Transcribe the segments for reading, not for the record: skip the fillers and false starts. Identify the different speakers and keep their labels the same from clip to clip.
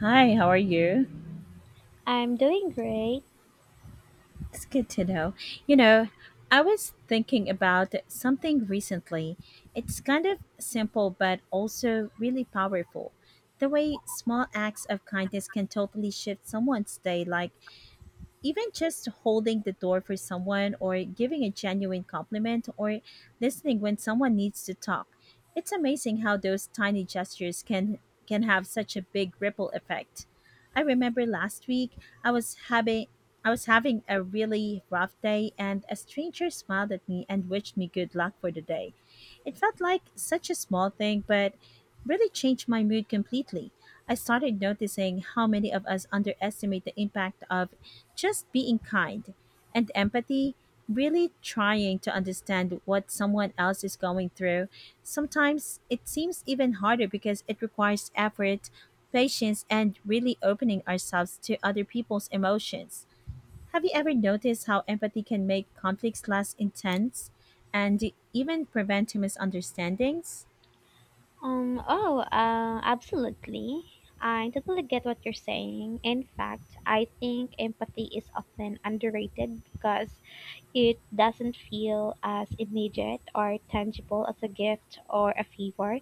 Speaker 1: Hi, how are you?
Speaker 2: I'm doing great.
Speaker 1: It's good to know. You know, I was thinking about something recently. It's kind of simple, but also really powerful. The way small acts of kindness can totally shift someone's day, like even just holding the door for someone, or giving a genuine compliment, or listening when someone needs to talk. It's amazing how those tiny gestures can have such a big ripple effect. I remember last week I was having I was having a really rough day and a stranger smiled at me and wished me good luck for the day. It felt like such a small thing, but really changed my mood completely. I started noticing how many of us underestimate the impact of just being kind and empathy, really trying to understand what someone else is going through. Sometimes it seems even harder because it requires effort, patience, and really opening ourselves to other people's emotions. Have you ever noticed how empathy can make conflicts less intense and even prevent misunderstandings?
Speaker 2: Oh, absolutely. I totally get what you're saying. In fact, I think empathy is often underrated because it doesn't feel as immediate or tangible as a gift or a favor,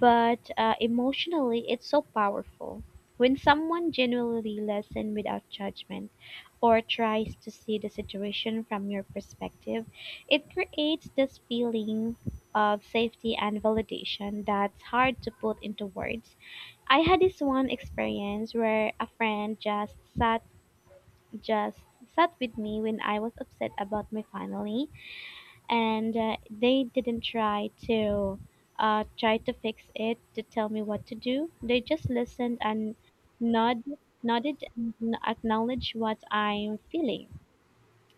Speaker 2: but emotionally, it's so powerful. When someone genuinely listens without judgment or tries to see the situation from your perspective, it creates this feeling of safety and validation that's hard to put into words. I had this one experience where a friend just sat with me when I was upset about my final, and they didn't try to fix it to tell me what to do. They just listened and nod, nodded and acknowledged what I'm feeling.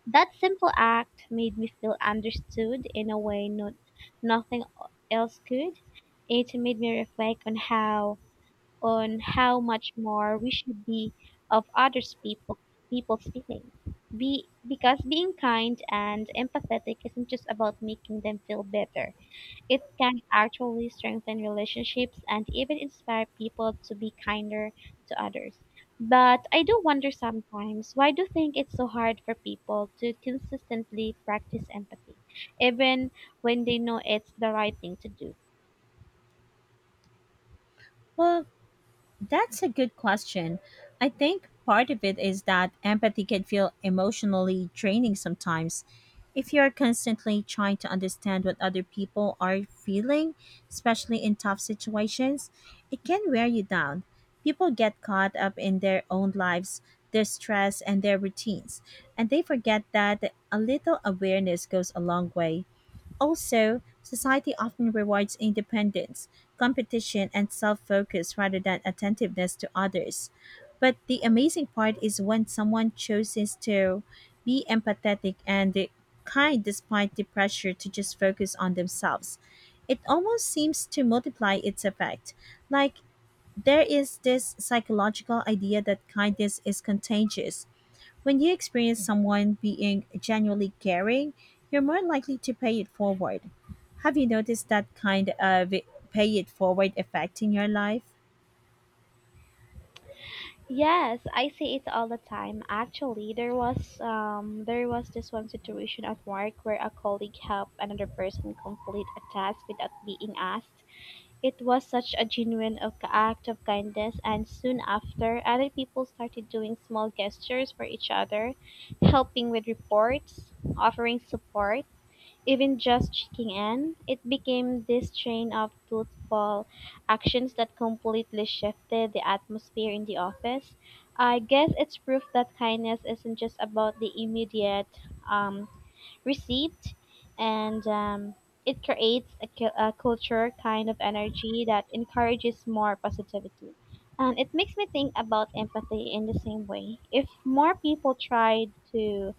Speaker 2: That simple act made me feel understood in a way nothing else could. It made me reflect on how much more we should be of others people people's feelings. Be because being kind and empathetic isn't just about making them feel better. It can actually strengthen relationships and even inspire people to be kinder to others. But I do wonder sometimes, why do you think it's so hard for people to consistently practice empathy, even when they know it's the right thing to do?
Speaker 1: Well, That's a good question. I think part of it is that empathy can feel emotionally draining sometimes. If you're constantly trying to understand what other people are feeling, especially in tough situations, it can wear you down. People get caught up in their own lives, their stress, and their routines, and they forget that a little awareness goes a long way. Also, society often rewards independence, competition, and self focus rather than attentiveness to others. But the amazing part is when someone chooses to be empathetic and kind despite the pressure to just focus on themselves. It almost seems to multiply its effect. Like, there is this psychological idea that kindness is contagious when you experience someone being genuinely caring, you're more likely to pay it forward. Have you noticed that kind of pay it forward effect in your life?
Speaker 2: Yes, I see it all the time. Actually, there was this one situation at work where a colleague helped another person complete a task without being asked. It was such a genuine act of kindness, and soon after, other people started doing small gestures for each other, helping with reports, offering support, even just checking in. It became this chain of thoughtful actions that completely shifted the atmosphere in the office. I guess it's proof that kindness isn't just about the immediate, um, received, and it creates a culture, kind of energy that encourages more positivity. And it makes me think about empathy in the same way. If more people tried to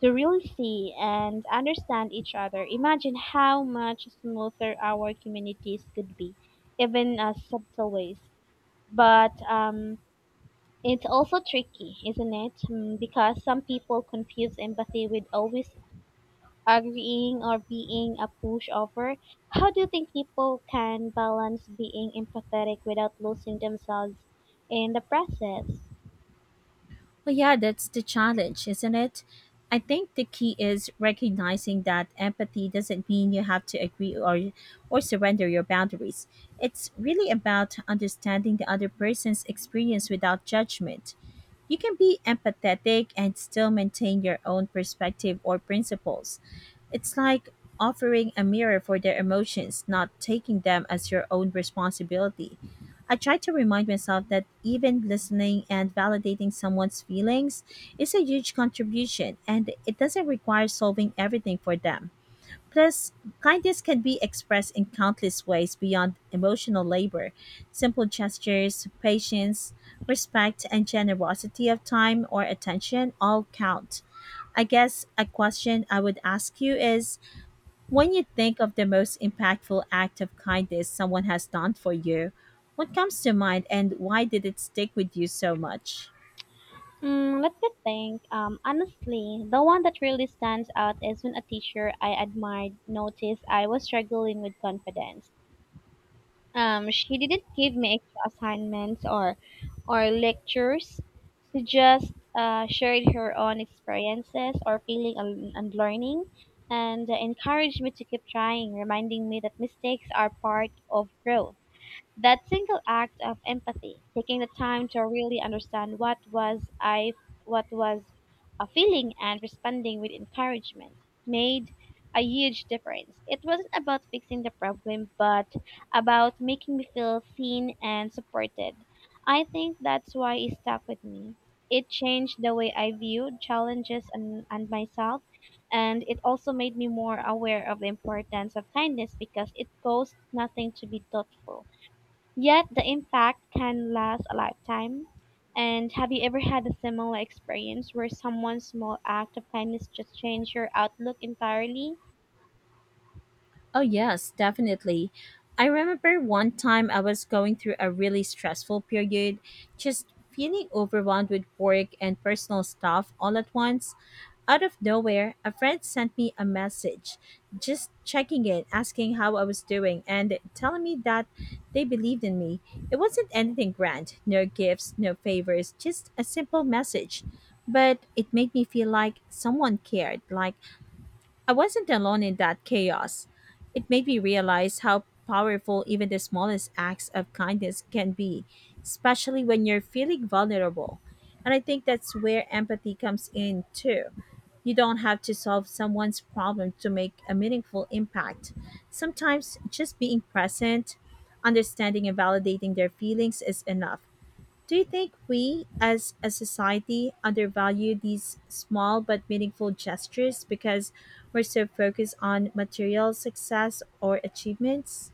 Speaker 2: to really see and understand each other, imagine how much smoother our communities could be, even subtle ways. But it's also tricky, isn't it? Because some people confuse empathy with always agreeing or being a pushover. How do you think people can balance being empathetic without losing themselves in the process?
Speaker 1: Well, yeah, that's the challenge, isn't it? I think the key is recognizing that empathy doesn't mean you have to agree or surrender your boundaries. It's really about understanding the other person's experience without judgment. You can be empathetic and still maintain your own perspective or principles. It's like offering a mirror for their emotions, not taking them as your own responsibility. I try to remind myself that even listening and validating someone's feelings is a huge contribution and it doesn't require solving everything for them. Plus, kindness can be expressed in countless ways beyond emotional labor. Simple gestures, patience, respect, and generosity of time or attention all count. I guess a question I would ask you is when you think of the most impactful act of kindness someone has done for you, what comes to mind and why did it stick with you so much?
Speaker 2: Let me think. Honestly, the one that really stands out is when a teacher I admired noticed I was struggling with confidence. She didn't give me extra assignments or lectures. She just shared her own experiences or feeling and learning, and encouraged me to keep trying, reminding me that mistakes are part of growth. That single act of empathy, taking the time to really understand what was a feeling and responding with encouragement, made a huge difference. It wasn't about fixing the problem, but about making me feel seen and supported. I think that's why it stuck with me. It changed the way I viewed challenges and myself, and it also made me more aware of the importance of kindness, because it costs nothing to be thoughtful. Yet the impact can last a lifetime. And have you ever had a similar experience where someone's small act of kindness just changed your outlook entirely?
Speaker 1: Oh, yes, definitely. I remember one time I was going through a really stressful period, just feeling overwhelmed with work and personal stuff all at once. Out of nowhere, a friend sent me a message, just checking in, asking how I was doing, and telling me that they believed in me. It wasn't anything grand, no gifts, no favors, just a simple message. But it made me feel like someone cared, like I wasn't alone in that chaos. It made me realize how powerful even the smallest acts of kindness can be, especially when you're feeling vulnerable. And I think that's where empathy comes in too. You don't have to solve someone's problem to make a meaningful impact. Sometimes just being present, understanding and validating their feelings is enough. Do you think we, as a society, undervalue these small but meaningful gestures because we're so focused on material success or achievements?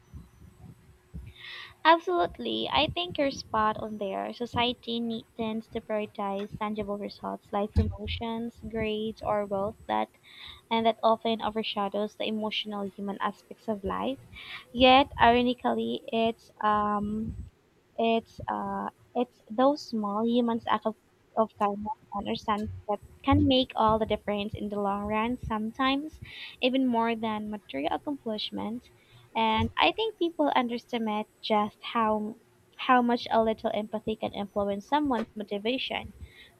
Speaker 2: Absolutely. I think you're spot on there. Society tends to prioritize tangible results like promotions, grades, or wealth, that often overshadows the emotional human aspects of life. Yet, ironically, It's uh, it's those small humans act of kindness and understanding that can make all the difference in the long run. Sometimes, even more than material accomplishment. And I think people underestimate just how much a little empathy can influence someone's motivation,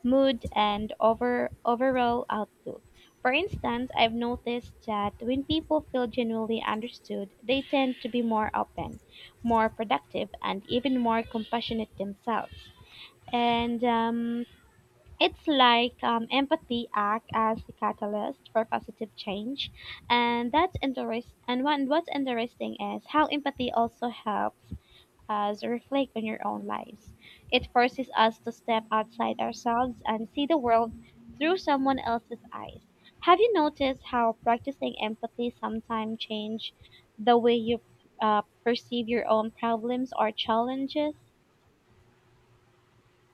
Speaker 2: mood, and overall outlook. For instance, I've noticed that when people feel genuinely understood, they tend to be more open, more productive, and even more compassionate themselves. And it's like empathy act as a catalyst for positive change, and that's interest. And one what's interesting is how empathy also helps us reflect on your own lives. It forces us to step outside ourselves and see the world through someone else's eyes. Have you noticed how practicing empathy sometimes change the way you perceive your own problems or challenges?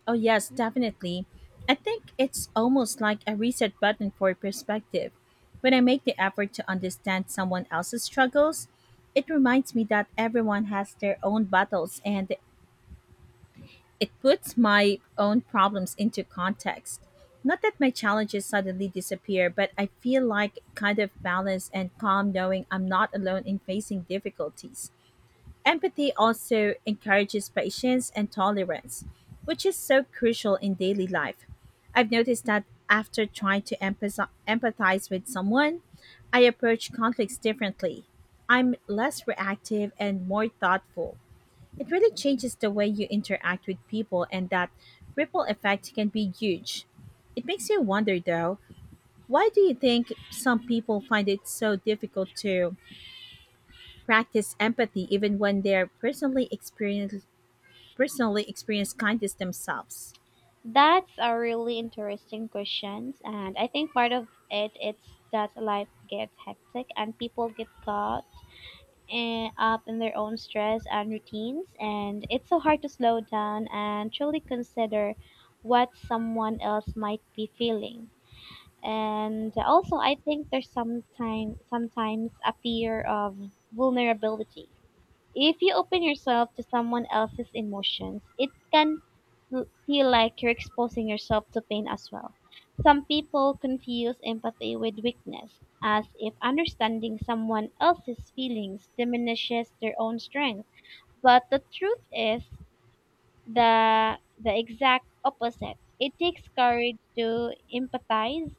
Speaker 1: Oh, yes, definitely. I think it's almost like a reset button for perspective. When I make the effort to understand someone else's struggles, it reminds me that everyone has their own battles and it puts my own problems into context. Not that my challenges suddenly disappear, but I feel like a kind of balance and calm knowing I'm not alone in facing difficulties. Empathy also encourages patience and tolerance, which is so crucial in daily life. I've noticed that after trying to empathize with someone, I approach conflicts differently. I'm less reactive and more thoughtful. It really changes the way you interact with people, and that ripple effect can be huge. It makes you wonder, though, why do you think some people find it so difficult to practice empathy even when they're personally experience kindness themselves?
Speaker 2: That's a really interesting question, and I think part of it's that life gets hectic and people get caught up in their own stress and routines, and it's so hard to slow down and truly consider what someone else might be feeling. And also, I think there's sometimes a fear of vulnerability. If you open yourself to someone else's emotions, it can feel like you're exposing yourself to pain as well. Some people confuse empathy with weakness, as if understanding someone else's feelings diminishes their own strength. But the truth is the exact opposite. It takes courage to empathize,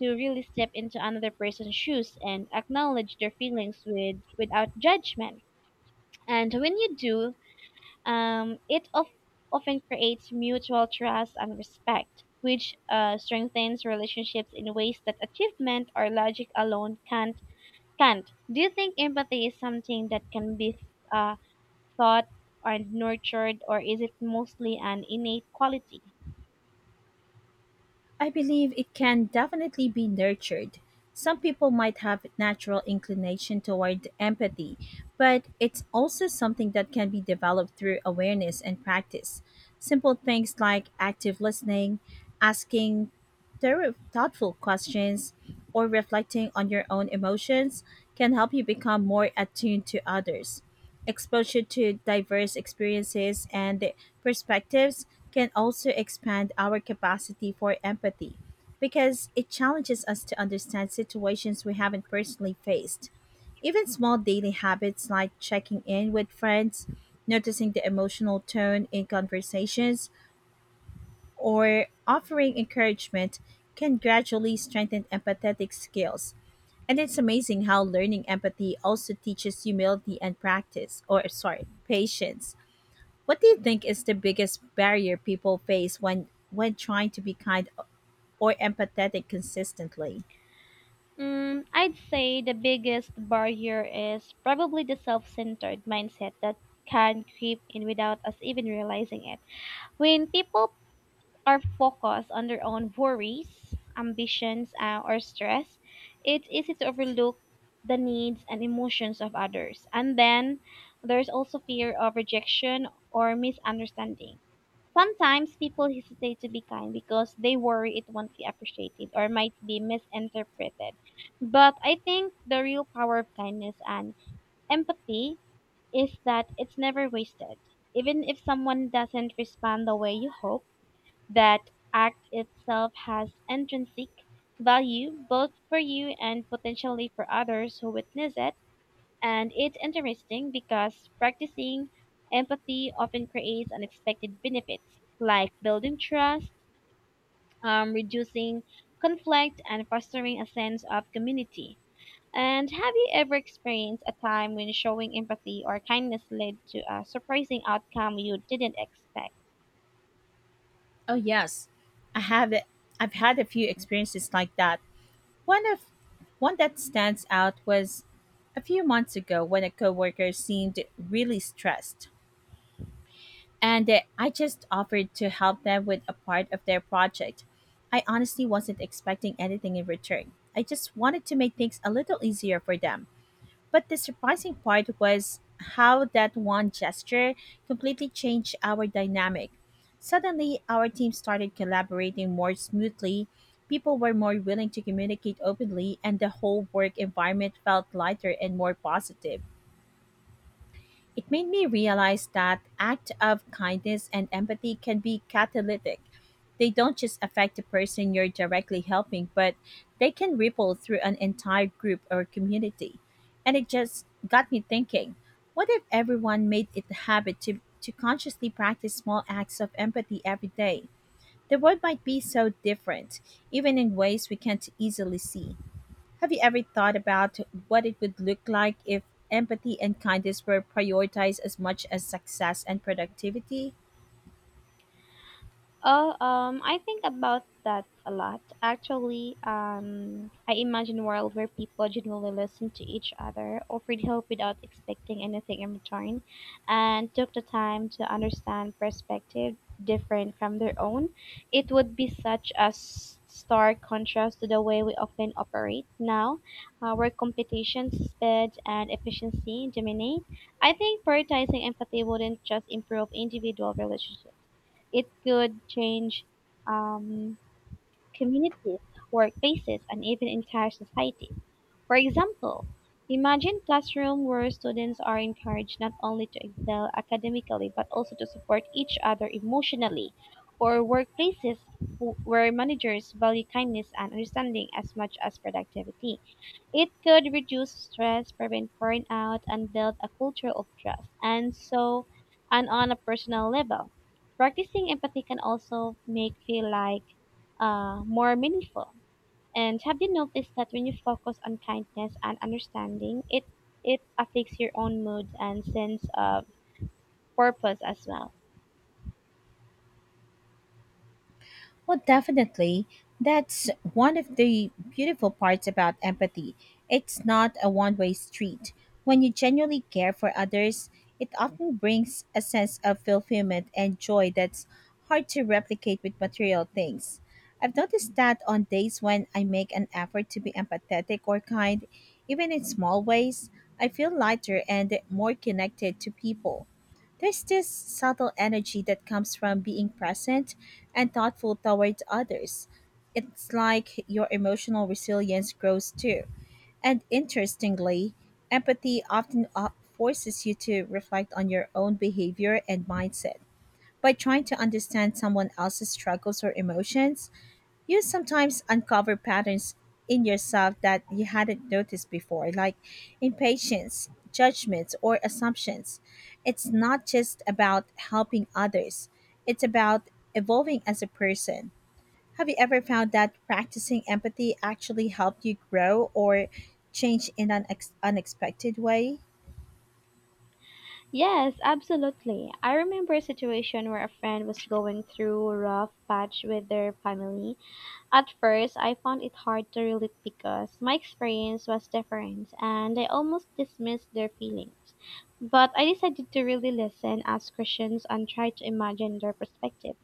Speaker 2: to really step into another person's shoes and acknowledge their feelings without judgment. And when you do, it often creates mutual trust and respect, which strengthens relationships in ways that achievement or logic alone can't. Do you think empathy is something that can be uh, thought or nurtured, or is it mostly an innate quality?
Speaker 1: I believe it can definitely be nurtured. Some people might have natural inclination toward empathy, but it's also something that can be developed through awareness and practice. Simple things like active listening, asking thorough, thoughtful questions, or reflecting on your own emotions can help you become more attuned to others. Exposure to diverse experiences and perspectives can also expand our capacity for empathy because it challenges us to understand situations we haven't personally faced. Even small daily habits like checking in with friends, noticing the emotional tone in conversations, or offering encouragement can gradually strengthen empathetic skills. And it's amazing how learning empathy also teaches humility and practice, or sorry, patience. What do you think is the biggest barrier people face when trying to be kind or empathetic consistently?
Speaker 2: I'd say the biggest barrier is probably the self-centered mindset that can creep in without us even realizing it. When people are focused on their own worries, ambitions, or stress, it's easy to overlook the needs and emotions of others. And then there's also fear of rejection or misunderstanding. Sometimes people hesitate to be kind because they worry it won't be appreciated or might be misinterpreted. But I think the real power of kindness and empathy is that it's never wasted. Even if someone doesn't respond the way you hope, that act itself has intrinsic value, both for you and potentially for others who witness it. And it's interesting because practicing empathy often creates unexpected benefits, like building trust, reducing conflict, and fostering a sense of community. And have you ever experienced a time when showing empathy or kindness led to a surprising outcome you didn't expect?
Speaker 1: Oh yes, I have it. I've had a few experiences like that. One of One that stands out was a few months ago when a coworker seemed really stressed. And I just offered to help them with a part of their project. I honestly wasn't expecting anything in return. I just wanted to make things a little easier for them. But the surprising part was how that one gesture completely changed our dynamic. Suddenly, our team started collaborating more smoothly, people were more willing to communicate openly, and the whole work environment felt lighter and more positive. It made me realize that act of kindness and empathy can be catalytic. They don't just affect the person you're directly helping, but they can ripple through an entire group or community. And it just got me thinking, what if everyone made it a habit to consciously practice small acts of empathy every day? The world might be so different, even in ways we can't easily see. Have you ever thought about what it would look like if empathy and kindness were prioritized as much as success and productivity?
Speaker 2: Oh, I think about that a lot. Actually, I imagine a world where people genuinely listen to each other, offered help without expecting anything in return, and took the time to understand perspective different from their own. It would be such a stark contrast to the way we often operate now, where competition, speed, and efficiency dominate. I think prioritizing empathy wouldn't just improve individual relationships. It could change um, communities, workplaces, and even entire societies. For example, imagine classroom where students are encouraged not only to excel academically but also to support each other emotionally, or workplaces where managers value kindness and understanding as much as productivity. It could reduce stress, prevent burnout, and build a culture of trust. And on a personal level, practicing empathy can also make feel like more meaningful. And have you noticed that when you focus on kindness and understanding, it affects your own mood and sense of purpose as well?
Speaker 1: Well, definitely. That's one of the beautiful parts about empathy. It's not a one way street. When you genuinely care for others, it often brings a sense of fulfillment and joy that's hard to replicate with material things. I've noticed that on days when I make an effort to be empathetic or kind, even in small ways, I feel lighter and more connected to people. There's this subtle energy that comes from being present and thoughtful towards others. It's like your emotional resilience grows too. And interestingly, empathy often forces you to reflect on your own behavior and mindset. By trying to understand someone else's struggles or emotions, you sometimes uncover patterns in yourself that you hadn't noticed before, like impatience, judgments, or assumptions. It's not just about helping others, it's about evolving as a person. Have you ever found that practicing empathy actually helped you grow or change in an unexpected way?
Speaker 2: Yes, absolutely. I remember a situation where a friend was going through a rough patch with their family. At first, I found it hard to relate because my experience was different and I almost dismissed their feelings. But I decided to really listen, ask questions, and try to imagine their perspective.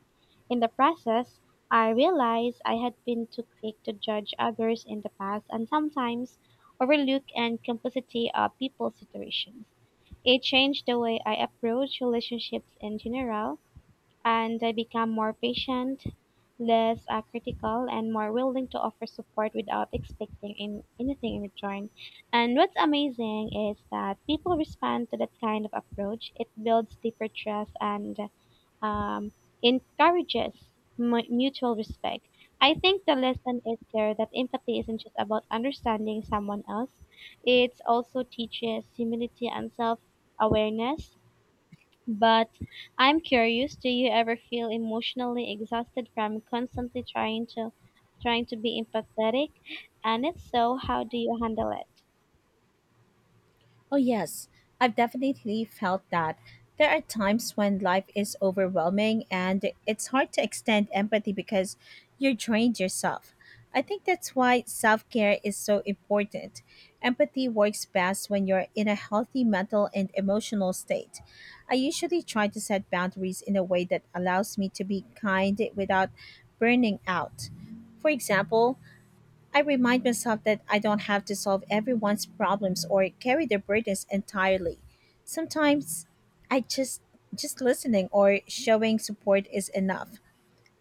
Speaker 2: In the process, I realized I had been too quick to judge others in the past and sometimes overlook and complexity of people's situations. It changed the way I approach relationships in general, and I become more patient, less critical, and more willing to offer support without expecting anything in return. And what's amazing is that people respond to that kind of approach. It builds deeper trust and um, encourages mutual respect. I think the lesson is there that empathy isn't just about understanding someone else. It also teaches humility and self awareness. But I'm curious, do you ever feel emotionally exhausted from constantly trying to be empathetic? And if so, how do you handle it?
Speaker 1: Oh, yes, I've definitely felt that. There are times when life is overwhelming and it's hard to extend empathy because you're drained yourself. I think that's why self care is so important. Empathy works best when you're in a healthy mental and emotional state. I usually try to set boundaries in a way that allows me to be kind without burning out. For example, I remind myself that I don't have to solve everyone's problems or carry their burdens entirely. Sometimes I just listening or showing support is enough.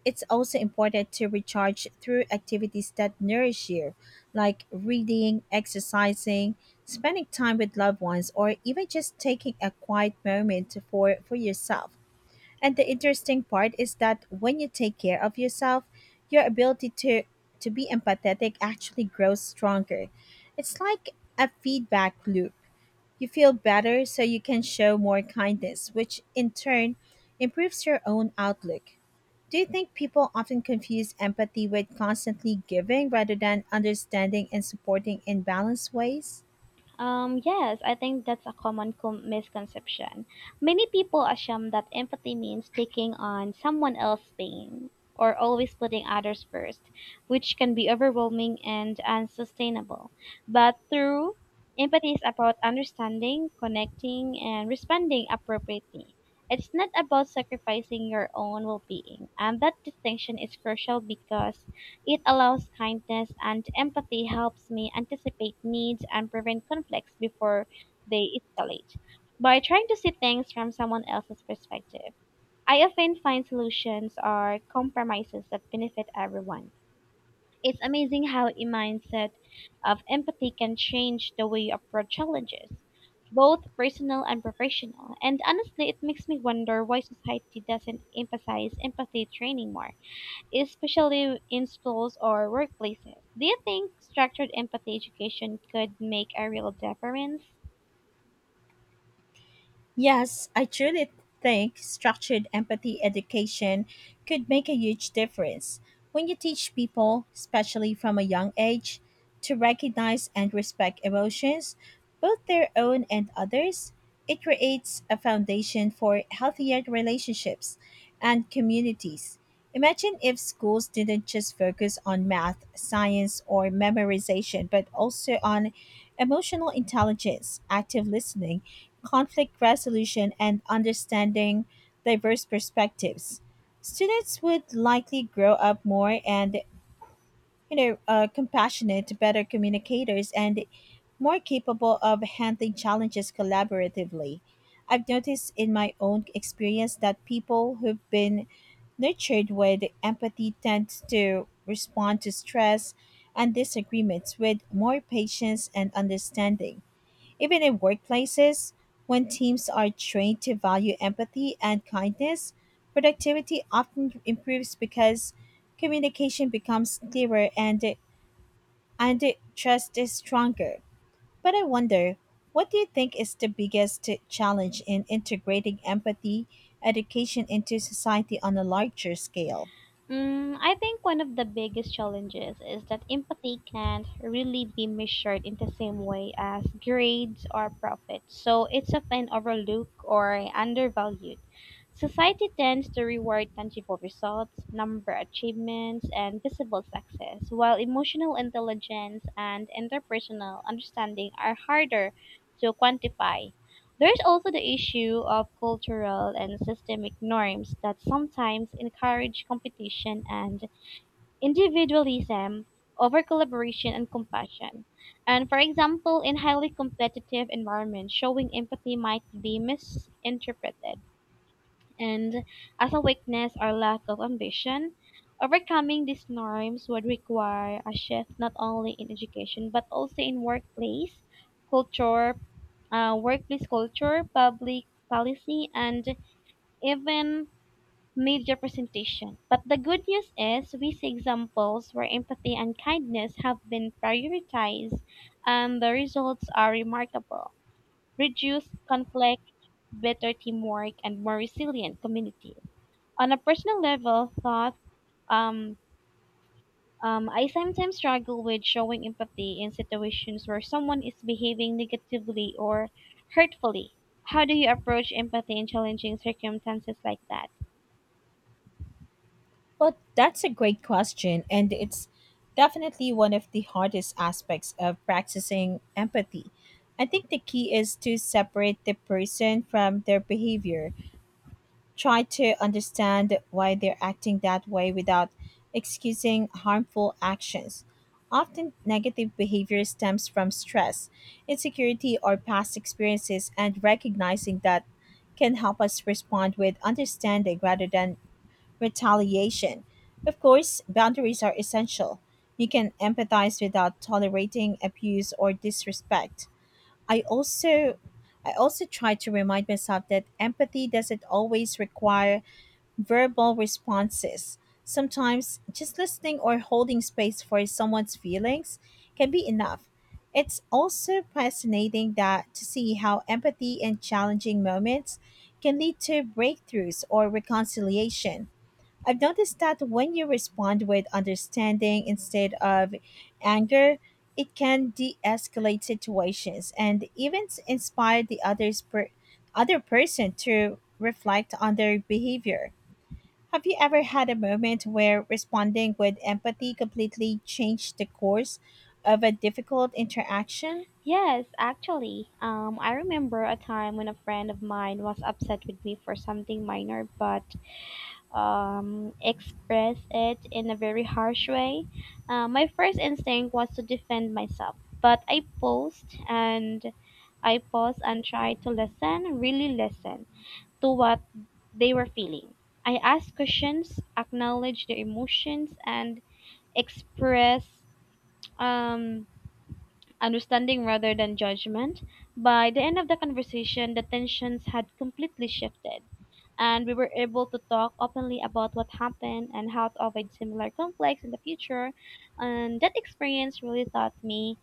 Speaker 1: It's also important to recharge through activities that nourish you, like reading, exercising, spending time with loved ones, or even just taking a quiet moment for yourself. And the interesting part is that when you take care of yourself, your ability to be empathetic actually grows stronger. It's like a feedback loop. You feel better so you can show more kindness, which in turn improves your own outlook. Do you think people often confuse empathy with constantly giving rather than understanding and supporting in balanced ways?
Speaker 2: Yes, I think that's a common misconception. Many people assume that empathy means taking on someone else's pain or always putting others first, which can be overwhelming and unsustainable. But through empathy is about understanding, connecting, and responding appropriately. It's not about sacrificing your own well being, and that distinction is crucial because it allows kindness and empathy helps me anticipate needs and prevent conflicts before they escalate. By trying to see things from someone else's perspective, I often find solutions or compromises that benefit everyone. It's amazing how a mindset of empathy can change the way you approach challenges, both personal and professional. And honestly, it makes me wonder why society doesn't emphasize empathy training more, especially in schools or workplaces. Do you think structured empathy education could make a real difference?
Speaker 1: Yes, I truly think structured empathy education could make a huge difference. When you teach people, especially from a young age, to recognize and respect emotions, both their own and others, it creates a foundation for healthier relationships and communities. Imagine if schools didn't just focus on math, science, or memorization, but also on emotional intelligence, active listening, conflict resolution, and understanding diverse perspectives. Students would likely grow up more and compassionate, better communicators, and more capable of handling challenges collaboratively. I've noticed in my own experience that people who've been nurtured with empathy tend to respond to stress and disagreements with more patience and understanding. Even in workplaces, when teams are trained to value empathy and kindness, productivity often improves because communication becomes clearer and trust is stronger. But I wonder, what do you think is the biggest challenge in integrating empathy education into society on a larger scale?
Speaker 2: Mm, I think one of the biggest challenges is that empathy can't really be measured in the same way as grades or profits, so it's often overlooked or undervalued. Society tends to reward tangible results, number achievements, and visible success, while emotional intelligence and interpersonal understanding are harder to quantify. There is also the issue of cultural and systemic norms that sometimes encourage competition and individualism over collaboration and compassion. And for example, in highly competitive environments, showing empathy might be misinterpreted and as a weakness or lack of ambition. Overcoming these norms would require a shift not only in education but also in culture, workplace culture, public policy, and even media presentation. But the good news is we see examples where empathy and kindness have been prioritized, and the results are remarkable. Reduced conflict, better teamwork, and more resilient communities. On a personal level, thought um, I sometimes struggle with showing empathy in situations where someone is behaving negatively or hurtfully. How do you approach empathy in challenging circumstances like that?
Speaker 1: Well, that's a great question, and it's definitely one of the hardest aspects of practicing empathy. I think the key is to separate the person from their behavior. Try to understand why they're acting that way without excusing harmful actions. Often, negative behavior stems from stress, insecurity, or past experiences, and recognizing that can help us respond with understanding rather than retaliation. Of course, boundaries are essential. You can empathize without tolerating abuse or disrespect. I also I also try to remind myself that empathy doesn't always require verbal responses. Sometimes just listening or holding space for someone's feelings can be enough. It's also fascinating that to see how empathy in challenging moments can lead to breakthroughs or reconciliation. I've noticed that when you respond with understanding instead of anger, it can de-escalate situations and even inspire the other person to reflect on their behavior. Have you ever had a moment where responding with empathy completely changed the course of a difficult interaction?
Speaker 2: Yes, actually, I remember a time when a friend of mine was upset with me for something minor, but express it in a very harsh way. My first instinct was to defend myself, but I paused and tried to listen, really listen to what they were feeling. I asked questions, acknowledged their emotions, and expressed um, understanding rather than judgment. By the end of the conversation, the tensions had completely shifted and we were able to talk openly about what happened and how to avoid similar conflicts in the future. And that experience really taught me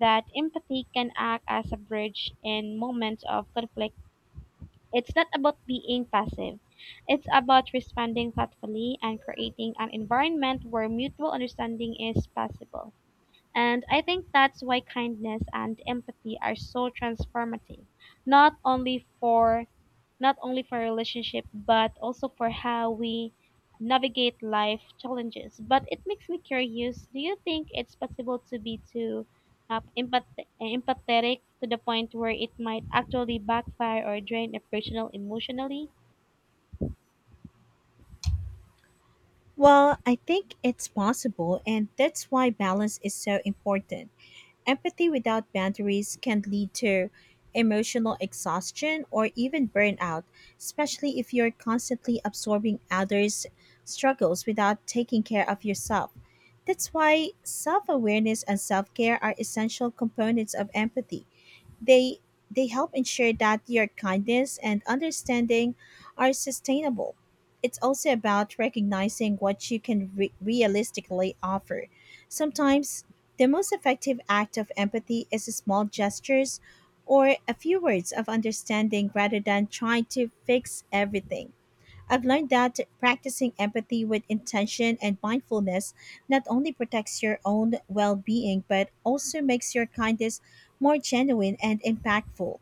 Speaker 2: that empathy can act as a bridge in moments of conflict. It's not about being passive. It's about responding thoughtfully and creating an environment where mutual understanding is possible. And I think that's why kindness and empathy are so transformative, not only for not only for relationship but also for how we navigate life challenges. But it makes me curious. Do you think it's possible to be too uh, empath- empathetic to the point where it might actually backfire or drain a personal emotionally?
Speaker 1: Well, I think it's possible, and that's why balance is so important. Empathy without boundaries can lead to emotional exhaustion or even burnout, especially if you're constantly absorbing others' struggles without taking care of yourself. That's why self awareness and self care are essential components of empathy. They they help ensure that your kindness and understanding are sustainable. It's also about recognizing what you can realistically offer. Sometimes the most effective act of empathy is small gestures or a few words of understanding rather than trying to fix everything. I've learned that practicing empathy with intention and mindfulness not only protects your own well being, but also makes your kindness more genuine and impactful.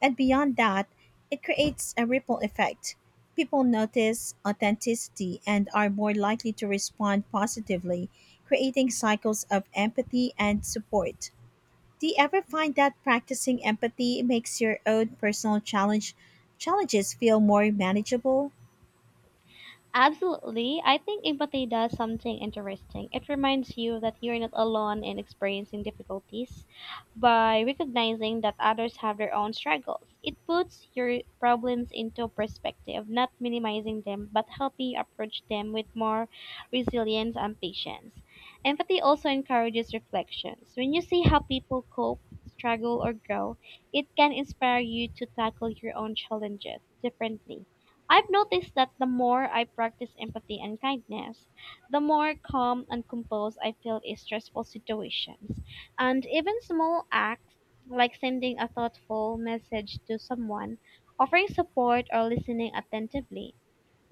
Speaker 1: And beyond that, it creates a ripple effect. People notice authenticity and are more likely to respond positively, creating cycles of empathy and support. Do you ever find that practicing empathy makes your own personal challenges feel more manageable?
Speaker 2: Absolutely. I think empathy does something interesting. It reminds you that you're not alone in experiencing difficulties by recognizing that others have their own struggles. It puts your problems into perspective, not minimizing them, but helping you approach them with more resilience and patience. Empathy also encourages reflections. When you see how people cope, struggle, or grow, it can inspire you to tackle your own challenges differently. I've noticed that the more I practice empathy and kindness, the more calm and composed I feel in stressful situations. And even small acts like sending a thoughtful message to someone, offering support, or listening attentively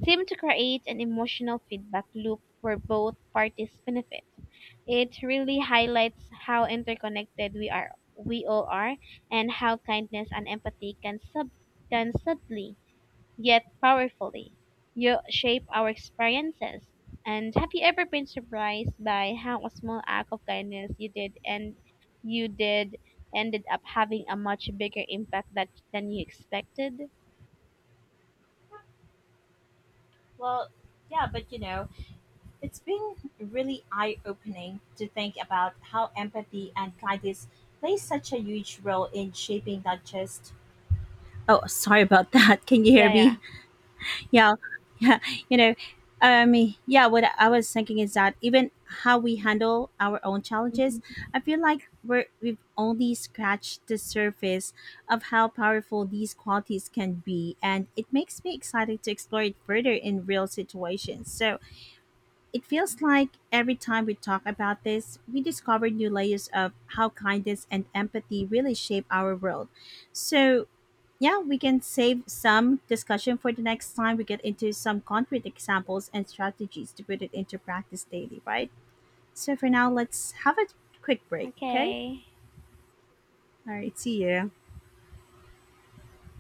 Speaker 2: seem to create an emotional feedback loop where both parties benefit. It really highlights how interconnected we are we all are and how kindness and empathy can subtly yet powerfully, you shape our experiences. And have you ever been surprised by how a small act of kindness you did ended up having a much bigger impact than you expected?
Speaker 1: Well, yeah, but you know, it's been really eye-opening to think about how empathy and kindness play such a huge role in shaping not just. Oh, sorry about that. Can you hear
Speaker 2: Yeah, yeah.
Speaker 1: me? Yeah, yeah. You know, I mean, yeah. What I was thinking is that even how we handle our own challenges,
Speaker 2: Hmm.
Speaker 1: I feel like we've only scratched the surface of how powerful these qualities can be, and it makes me excited to explore it further in real situations. So it feels like every time we talk about this, we discover new layers of how kindness and empathy really shape our world. So, yeah, we can save some discussion for the next time we get into some concrete examples and strategies to put it into practice daily, right? So, for now, let's have a quick break, okay?
Speaker 2: Okay.
Speaker 1: All right, see you.